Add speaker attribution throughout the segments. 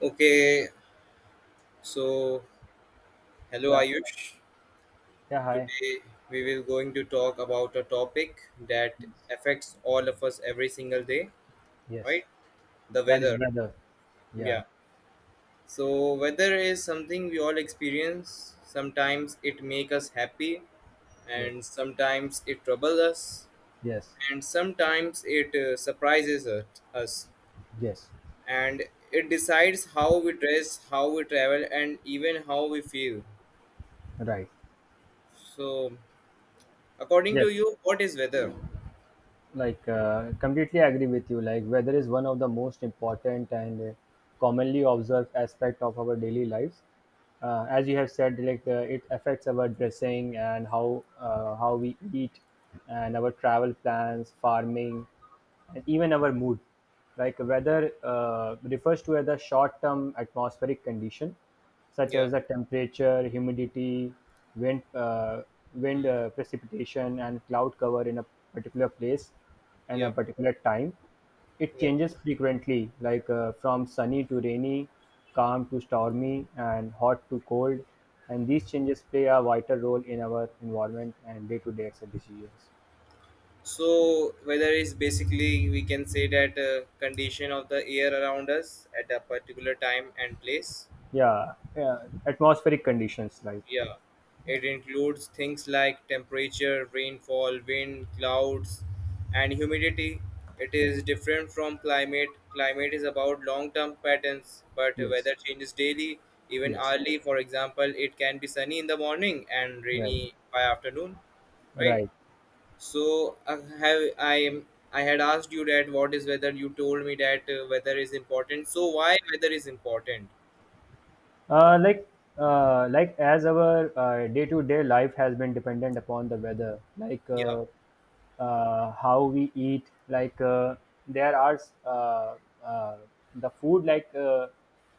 Speaker 1: Okay, so hello
Speaker 2: Yeah,
Speaker 1: Ayush.
Speaker 2: yeah, hi.
Speaker 1: Today we will going to talk about a topic that affects all of us every single day,
Speaker 2: Yes,
Speaker 1: right? The
Speaker 2: that is
Speaker 1: weather.
Speaker 2: better. Yeah,
Speaker 1: Yeah. So weather is something we all experience. Sometimes it make us happy
Speaker 2: yeah,
Speaker 1: and sometimes it troubles us
Speaker 2: yes,
Speaker 1: and sometimes it surprises us.
Speaker 2: yes,
Speaker 1: And it decides how we dress, how we travel and even how we feel.
Speaker 2: right.
Speaker 1: So according
Speaker 2: Yes,
Speaker 1: to you, what is weather?
Speaker 2: like completely agree with you. Like weather is one of the most important and commonly observed aspect of our daily lives. As you have said, like it affects our dressing and how we eat and our travel plans, farming, and even our mood. Like weather refers to as a short term atmospheric condition, such
Speaker 1: Yeah.
Speaker 2: as the temperature, humidity, wind, uh, wind
Speaker 1: Hmm.
Speaker 2: uh, precipitation, and cloud cover in a particular place and a
Speaker 1: Yeah.
Speaker 2: particular time. It
Speaker 1: Yeah.
Speaker 2: changes frequently, like from sunny to rainy, calm to stormy, and hot to cold. And these changes play a vital role in our environment and day to day decisions.
Speaker 1: So weather is basically we can say that condition of the air around us at a particular time and place.
Speaker 2: Yeah, yeah, atmospheric conditions like
Speaker 1: Yeah, it includes things like temperature, rainfall, wind, clouds, and humidity. It is different from climate. Climate is about long term patterns, but
Speaker 2: yes,
Speaker 1: weather changes daily, even
Speaker 2: yes,
Speaker 1: hourly. For example, it can be sunny in the morning and
Speaker 2: right,
Speaker 1: rainy by afternoon, right?
Speaker 2: right.
Speaker 1: So, I have I am I had asked you that what is weather? You told me that weather is important. So, why weather is important?
Speaker 2: Like like as our day-to-day life has been dependent upon the weather, like
Speaker 1: Yeah,
Speaker 2: uh, uh, how we eat, like there are uh, uh, the food,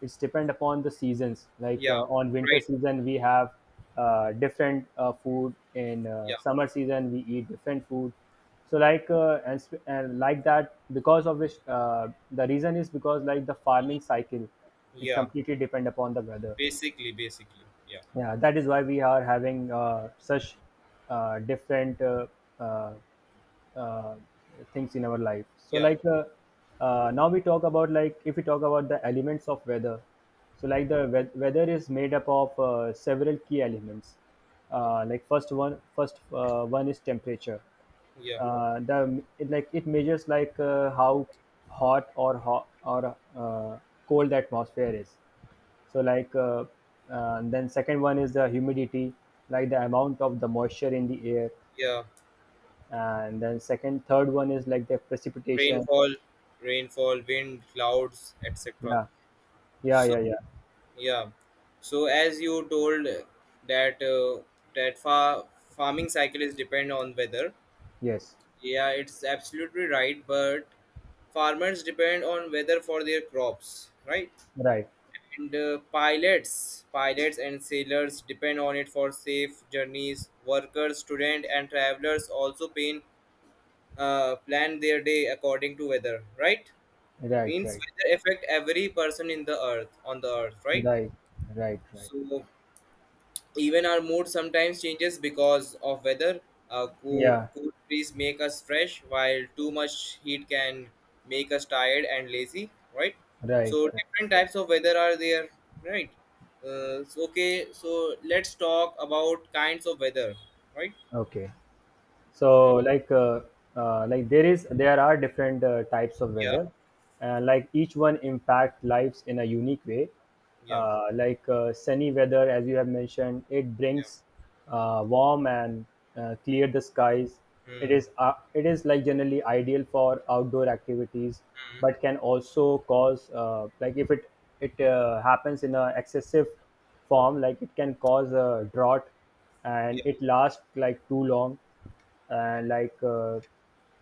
Speaker 2: it's depend upon the seasons. Like
Speaker 1: yeah,
Speaker 2: uh, on winter
Speaker 1: right,
Speaker 2: season we have different food. In
Speaker 1: yeah,
Speaker 2: summer season we eat different food. So like and like that because of which the reason is because like the farming cycle it's
Speaker 1: yeah.
Speaker 2: completely depend upon the weather.
Speaker 1: Basically, yeah,
Speaker 2: Yeah, that is why we are having such different uh, uh, things in our life. So
Speaker 1: yeah,
Speaker 2: like now we talk about like if we talk about the elements of weather. So like the weather is made up of several key elements. Uh, like first one is temperature.
Speaker 1: yeah,
Speaker 2: Uh, the it, like it measures like how hot or cold the atmosphere is. So like, then second one is the humidity, like the amount of the moisture in the air.
Speaker 1: yeah.
Speaker 2: And then second third one is like the precipitation.
Speaker 1: Rainfall, rainfall, wind, clouds, etc.
Speaker 2: Yeah, yeah,
Speaker 1: So
Speaker 2: yeah, yeah,
Speaker 1: yeah, so as you told that that fa- farming cycle is depend on weather,
Speaker 2: yes,
Speaker 1: yeah, it's absolutely right. But farmers depend on weather for their crops, right?
Speaker 2: right,
Speaker 1: And pilots and sailors depend on it for safe journeys. Workers, students and travelers also pay plan their day according to weather, right?
Speaker 2: right,
Speaker 1: Means
Speaker 2: right,
Speaker 1: weather affect every person in the earth, right?
Speaker 2: right, right, right,
Speaker 1: So even our mood sometimes changes because of weather. Cool,
Speaker 2: yeah,
Speaker 1: cool breeze make us fresh, while too much heat can make us tired and lazy, right?
Speaker 2: right,
Speaker 1: So
Speaker 2: right,
Speaker 1: different types of weather are there, right? So, okay, so let's talk about kinds of weather, right?
Speaker 2: okay.
Speaker 1: Uh,
Speaker 2: So like, there are different types of
Speaker 1: yeah,
Speaker 2: weather, and like each one impact lives in a unique way.
Speaker 1: yeah,
Speaker 2: Like sunny weather, as you have mentioned, it brings warm and clear the skies.
Speaker 1: yeah.
Speaker 2: it
Speaker 1: Hmm.
Speaker 2: is uh, it is like generally ideal for outdoor activities,
Speaker 1: Hmm.
Speaker 2: but can also cause like if it happens in a excessive form, like it can cause a drought and
Speaker 1: Yeah.
Speaker 2: it lasts like too long. uh, like uh,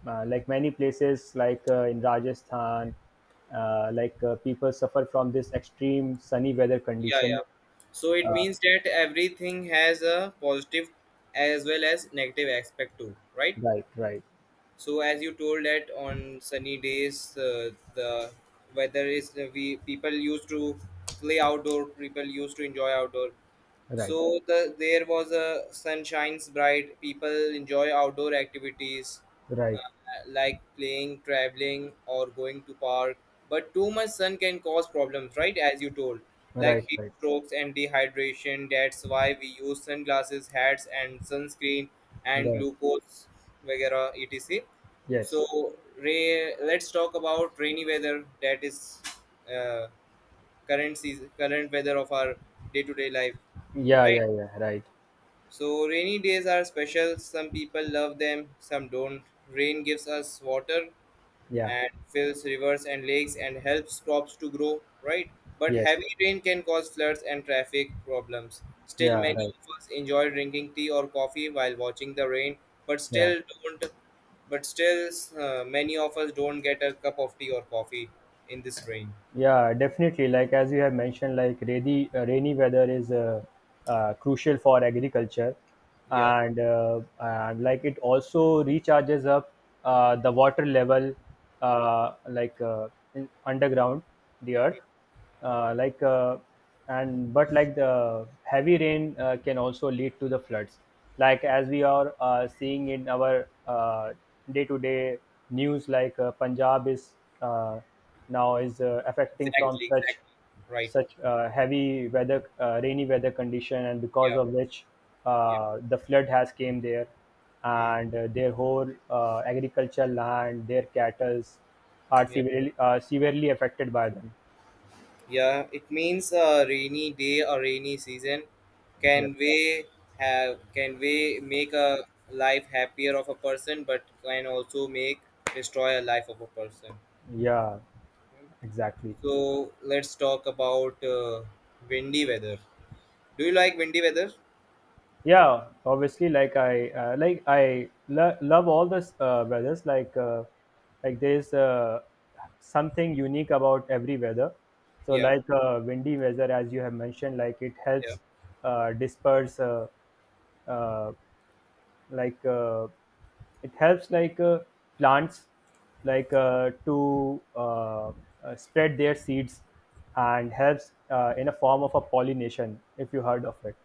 Speaker 2: uh, like many places like in Rajasthan, like people suffer from this extreme sunny weather
Speaker 1: Yeah,
Speaker 2: condition.
Speaker 1: yeah, so it means that everything has a positive as well as negative aspect too, right?
Speaker 2: Right, right,
Speaker 1: So as you told that on sunny days the weather is, we people used to play outdoor, people used to enjoy outdoor.
Speaker 2: right,
Speaker 1: So there was a sun shines bright. People enjoy outdoor activities, uh,
Speaker 2: right,
Speaker 1: like playing, traveling, or going to park. But too much sun can cause problems, right? As you told, like
Speaker 2: right,
Speaker 1: heat
Speaker 2: right,
Speaker 1: strokes and dehydration. That's why we use sunglasses, hats, and sunscreen and
Speaker 2: right.
Speaker 1: glucose, वगैरह, etc.
Speaker 2: Yes.
Speaker 1: So, Ray, let's talk about rainy weather. That is uh, current season, current weather of our day-to-day life,
Speaker 2: Yeah,
Speaker 1: right?
Speaker 2: yeah, yeah. Right.
Speaker 1: So rainy days are special. Some people love them, some don't. Rain gives us water
Speaker 2: Yeah.
Speaker 1: and fills rivers and lakes and helps crops to grow, right? But
Speaker 2: Yes.
Speaker 1: heavy rain can cause floods and traffic problems. Still,
Speaker 2: Yeah.
Speaker 1: many
Speaker 2: Right.
Speaker 1: of us enjoy drinking tea or coffee while watching the rain, but
Speaker 2: Yeah.
Speaker 1: still don't. But still, many of us don't get a cup of tea or coffee in this rain.
Speaker 2: Yeah, definitely. Like as you have mentioned, like rainy weather is crucial for agriculture,
Speaker 1: Yeah,
Speaker 2: and like it also recharges up the water level, uh, like uh, in underground the earth. uh, like uh, and but like the heavy rain can also lead to the floods, like as we are seeing in our day-to-day news. Like Punjab is uh, now is affecting from
Speaker 1: exactly,
Speaker 2: such
Speaker 1: exactly. Right.
Speaker 2: such uh, heavy weather, rainy weather condition, and because
Speaker 1: Yeah,
Speaker 2: of which
Speaker 1: yeah,
Speaker 2: the flood has came there,
Speaker 1: mm,
Speaker 2: and their whole agricultural land, their cattle are
Speaker 1: yeah.
Speaker 2: severely affected by them.
Speaker 1: Yeah, it means a rainy day or rainy season.
Speaker 2: Yes,
Speaker 1: Can we can we make a life happier of a person but can also make destroy a life of a person.
Speaker 2: yeah, exactly.
Speaker 1: So let's talk about windy weather. Do you like windy weather?
Speaker 2: Yeah, obviously, like I love all the weathers, like there's something unique about every weather. So
Speaker 1: Yeah,
Speaker 2: like windy weather, as you have mentioned, like it
Speaker 1: yeah,
Speaker 2: helps disperse uh, like it helps like plants to spread their seeds, and helps in a form of a pollination if you heard of it.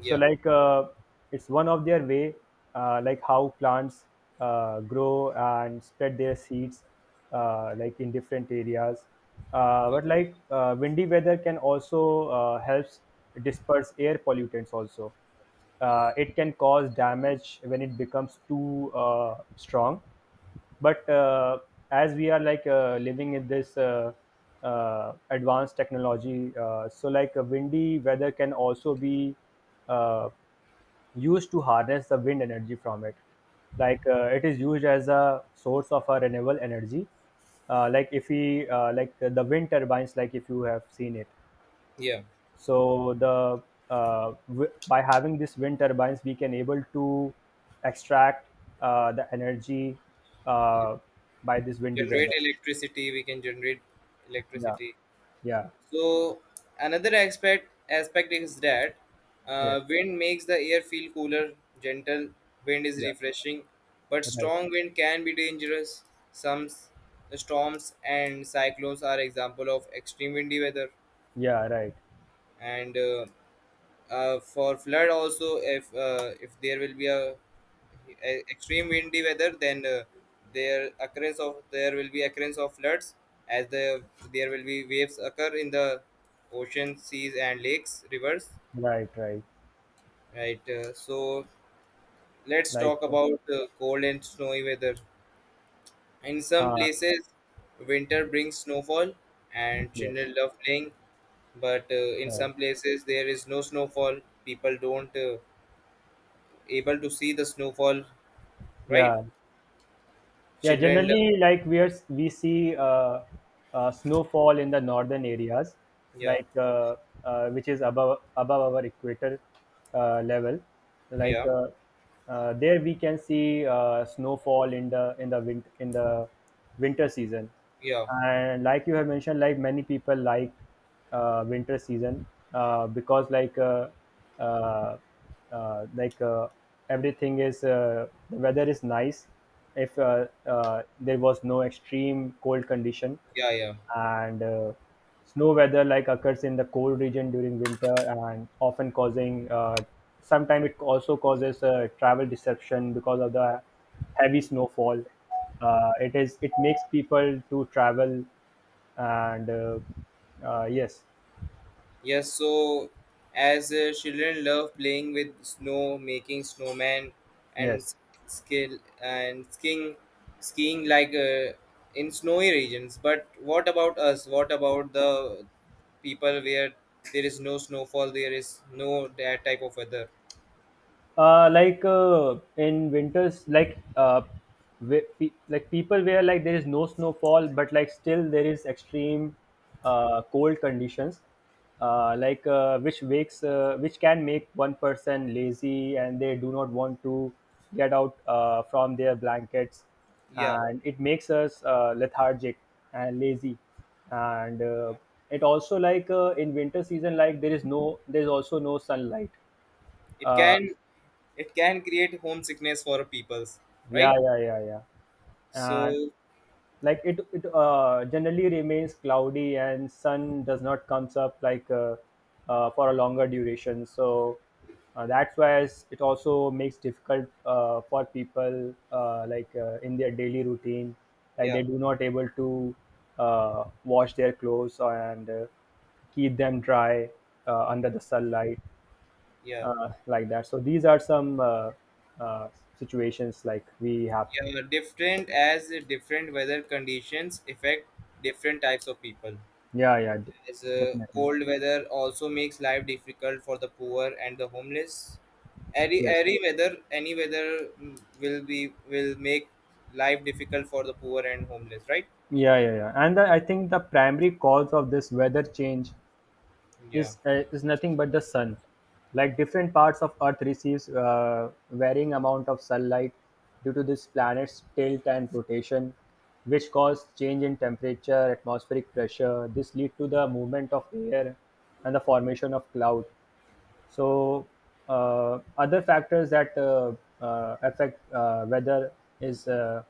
Speaker 2: So
Speaker 1: yeah,
Speaker 2: like it's one of their way, like how plants grow and spread their seeds like in different areas. uh,
Speaker 1: yeah,
Speaker 2: but like uh, windy weather can also helps disperse air pollutants also. It can cause damage when it becomes too strong. But as we are like living in this advanced technology, so like windy weather can also be uh, used to harness the wind energy from it. Like it is used as a source of a renewable energy. Uh, like if we uh, like uh, the wind turbines, like if you have seen it.
Speaker 1: yeah.
Speaker 2: So the by having these wind turbines, we can able to extract the energy uh, by this windy
Speaker 1: Generate
Speaker 2: weather.
Speaker 1: electricity, we can generate
Speaker 2: Yeah,
Speaker 1: electricity.
Speaker 2: yeah,
Speaker 1: So another aspect is that
Speaker 2: yes,
Speaker 1: wind makes the air feel cooler. Gentle wind is
Speaker 2: yeah,
Speaker 1: refreshing, but
Speaker 2: right,
Speaker 1: strong wind can be dangerous. Some storms and cyclones are example of extreme windy weather,
Speaker 2: yeah, right,
Speaker 1: and for flood also if there will be a extreme windy weather, then there will be occurrence of floods as there will be waves occur in the ocean, seas and lakes, rivers,
Speaker 2: right, right.
Speaker 1: right? So let's
Speaker 2: Like,
Speaker 1: talk about cold and snowy weather. In some
Speaker 2: uh,
Speaker 1: places winter brings snowfall and
Speaker 2: yes,
Speaker 1: children love playing, but in
Speaker 2: yeah,
Speaker 1: some places there is no snowfall, people don't able to see the snowfall, right?
Speaker 2: yeah. Yeah,
Speaker 1: Children love,
Speaker 2: generally, like we are, we see snowfall in the northern areas,
Speaker 1: yeah,
Speaker 2: like which is above our equator level. Like
Speaker 1: yeah,
Speaker 2: uh, uh, there, we can see snowfall in the winter season.
Speaker 1: yeah,
Speaker 2: And like you have mentioned, like many people like winter season, because uh, uh, like uh, everything is the weather is nice if there was no extreme cold condition.
Speaker 1: yeah, yeah.
Speaker 2: And snow weather like occurs in the cold region during winter, and often causing sometimes it also causes travel disruption because of the heavy snowfall. It is, it makes people to travel. And Yes,
Speaker 1: Yes, so as children love playing with snow, making snowman, and
Speaker 2: yes.
Speaker 1: skill and skiing, skiing like in snowy regions. But what about us? What about the people where there is no snowfall, there is no that type of weather?
Speaker 2: Like in winters, like people where like there is no snowfall, but like still there is extreme cold conditions, like which wakes which can make one person lazy and they do not want to get out from their blankets.
Speaker 1: Yeah,
Speaker 2: And it makes us lethargic and lazy. And it also like in winter season, like there is also no sunlight.
Speaker 1: it
Speaker 2: Uh,
Speaker 1: can, it can create homesickness for peoples,
Speaker 2: Yeah,
Speaker 1: right?
Speaker 2: yeah, yeah, yeah. And
Speaker 1: So
Speaker 2: like it generally remains cloudy and sun does not comes up like for a longer duration. So that's why it also makes difficult for people like in their daily routine, like
Speaker 1: yeah,
Speaker 2: they do not able to wash their clothes and keep them dry under the sunlight
Speaker 1: yeah,
Speaker 2: like that. So these are some uh, situations like we have.
Speaker 1: yeah, different, as different weather conditions affect different types of people,
Speaker 2: Yeah, yeah, de-
Speaker 1: as
Speaker 2: definitely.
Speaker 1: cold weather also makes life difficult for the poor and the homeless. any
Speaker 2: Yes.
Speaker 1: any weather, any weather, mm, will be, will make life difficult for the poor and homeless, right?
Speaker 2: Yeah, yeah, yeah. And the, I think the primary cause of this weather change
Speaker 1: Yeah,
Speaker 2: is nothing but the sun. Like different parts of Earth receives varying amount of sunlight due to this planet's tilt and rotation, which cause change in temperature, atmospheric pressure. This lead to the movement of air and the formation of cloud. So other factors that affect weather is uh,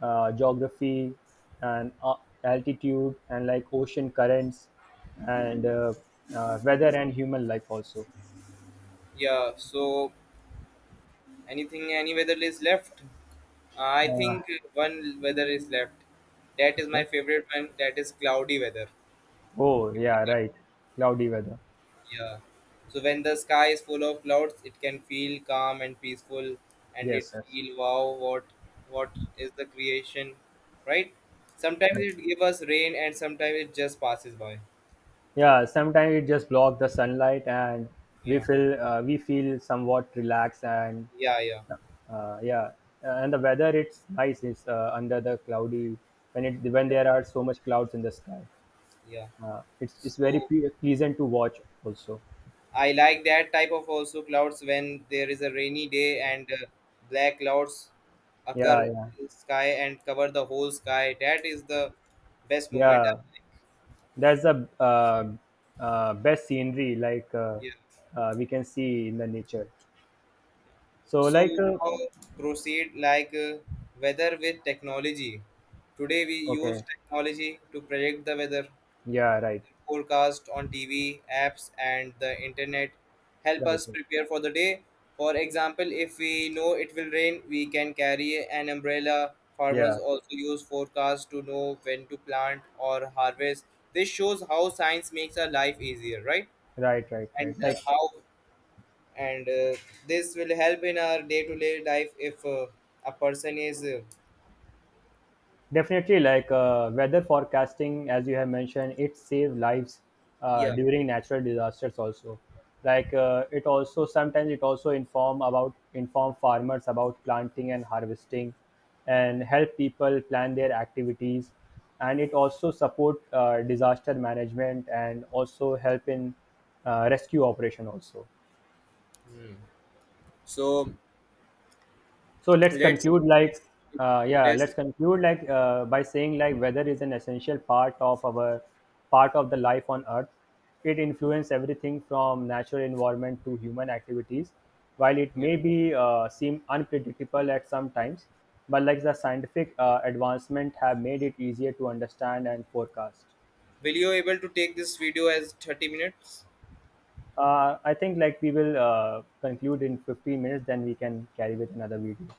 Speaker 2: uh, geography and altitude and like ocean currents and weather and human life also.
Speaker 1: yeah. So anything, any weather is left. I
Speaker 2: Uh,
Speaker 1: think one weather is left, that is my
Speaker 2: okay.
Speaker 1: favorite one, that is cloudy weather.
Speaker 2: Oh
Speaker 1: You like.
Speaker 2: yeah, right. Cloudy weather.
Speaker 1: Yeah. So when the sky is full of clouds, it can feel calm and peaceful, and it
Speaker 2: Yes, yes.
Speaker 1: feel, wow, what is the creation, right? Sometimes it give us rain, and sometimes it just passes by.
Speaker 2: Yeah, sometimes it just blocks the sunlight and
Speaker 1: Yeah,
Speaker 2: we feel somewhat relaxed and
Speaker 1: yeah, yeah,
Speaker 2: yeah. And the weather it's nice, it's under the cloudy, when it, when
Speaker 1: yeah,
Speaker 2: there are so much clouds in the sky,
Speaker 1: yeah.
Speaker 2: it's very
Speaker 1: So
Speaker 2: pleasant to watch also.
Speaker 1: I like that type of also clouds when there is a rainy day and black clouds
Speaker 2: Yeah,
Speaker 1: occur
Speaker 2: yeah,
Speaker 1: in the sky and cover the whole sky. That is the best moment.
Speaker 2: yeah,
Speaker 1: I like.
Speaker 2: that's the uh, best scenery, like uh,
Speaker 1: Yeah.
Speaker 2: uh, we can see in the nature. So
Speaker 1: So
Speaker 2: like,
Speaker 1: now proceed like weather with technology. Today we use
Speaker 2: okay,
Speaker 1: technology to predict the weather.
Speaker 2: yeah, right,
Speaker 1: Forecast on TV, apps, and the internet help
Speaker 2: right,
Speaker 1: us
Speaker 2: right,
Speaker 1: prepare for the day. For example, if we know it will rain, we can carry an umbrella. Farmers
Speaker 2: yeah,
Speaker 1: also use forecast to know when to plant or harvest. This shows how science makes our life easier, right?
Speaker 2: right, right,
Speaker 1: And
Speaker 2: right, like
Speaker 1: how and this will help in our day-to-day life if a person is
Speaker 2: definitely, like weather forecasting, as you have mentioned, it saves lives
Speaker 1: yeah.
Speaker 2: during natural disasters also. Like it also sometimes it also inform about inform farmers about planting and harvesting, and help people plan their activities, and it also support disaster management, and also help in rescue operation also.
Speaker 1: Hmm. So
Speaker 2: So let's
Speaker 1: let's
Speaker 2: conclude like yeah
Speaker 1: this.
Speaker 2: let's conclude like by saying like weather is an essential part of our part of the life on earth. It influences everything from natural environment to human activities. While it
Speaker 1: Yeah.
Speaker 2: may be seem unpredictable at some times, but like the scientific advancement have made it easier to understand and forecast.
Speaker 1: Will you able to take this video as 30 minutes?
Speaker 2: I think like we will conclude in 15 minutes, then we can carry with another video.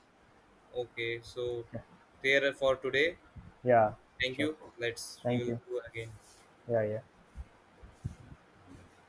Speaker 1: Okay, so
Speaker 2: Yeah,
Speaker 1: there for today,
Speaker 2: yeah,
Speaker 1: thank
Speaker 2: sure,
Speaker 1: you, let's, we
Speaker 2: thank
Speaker 1: will
Speaker 2: you,
Speaker 1: do again.
Speaker 2: yeah, yeah.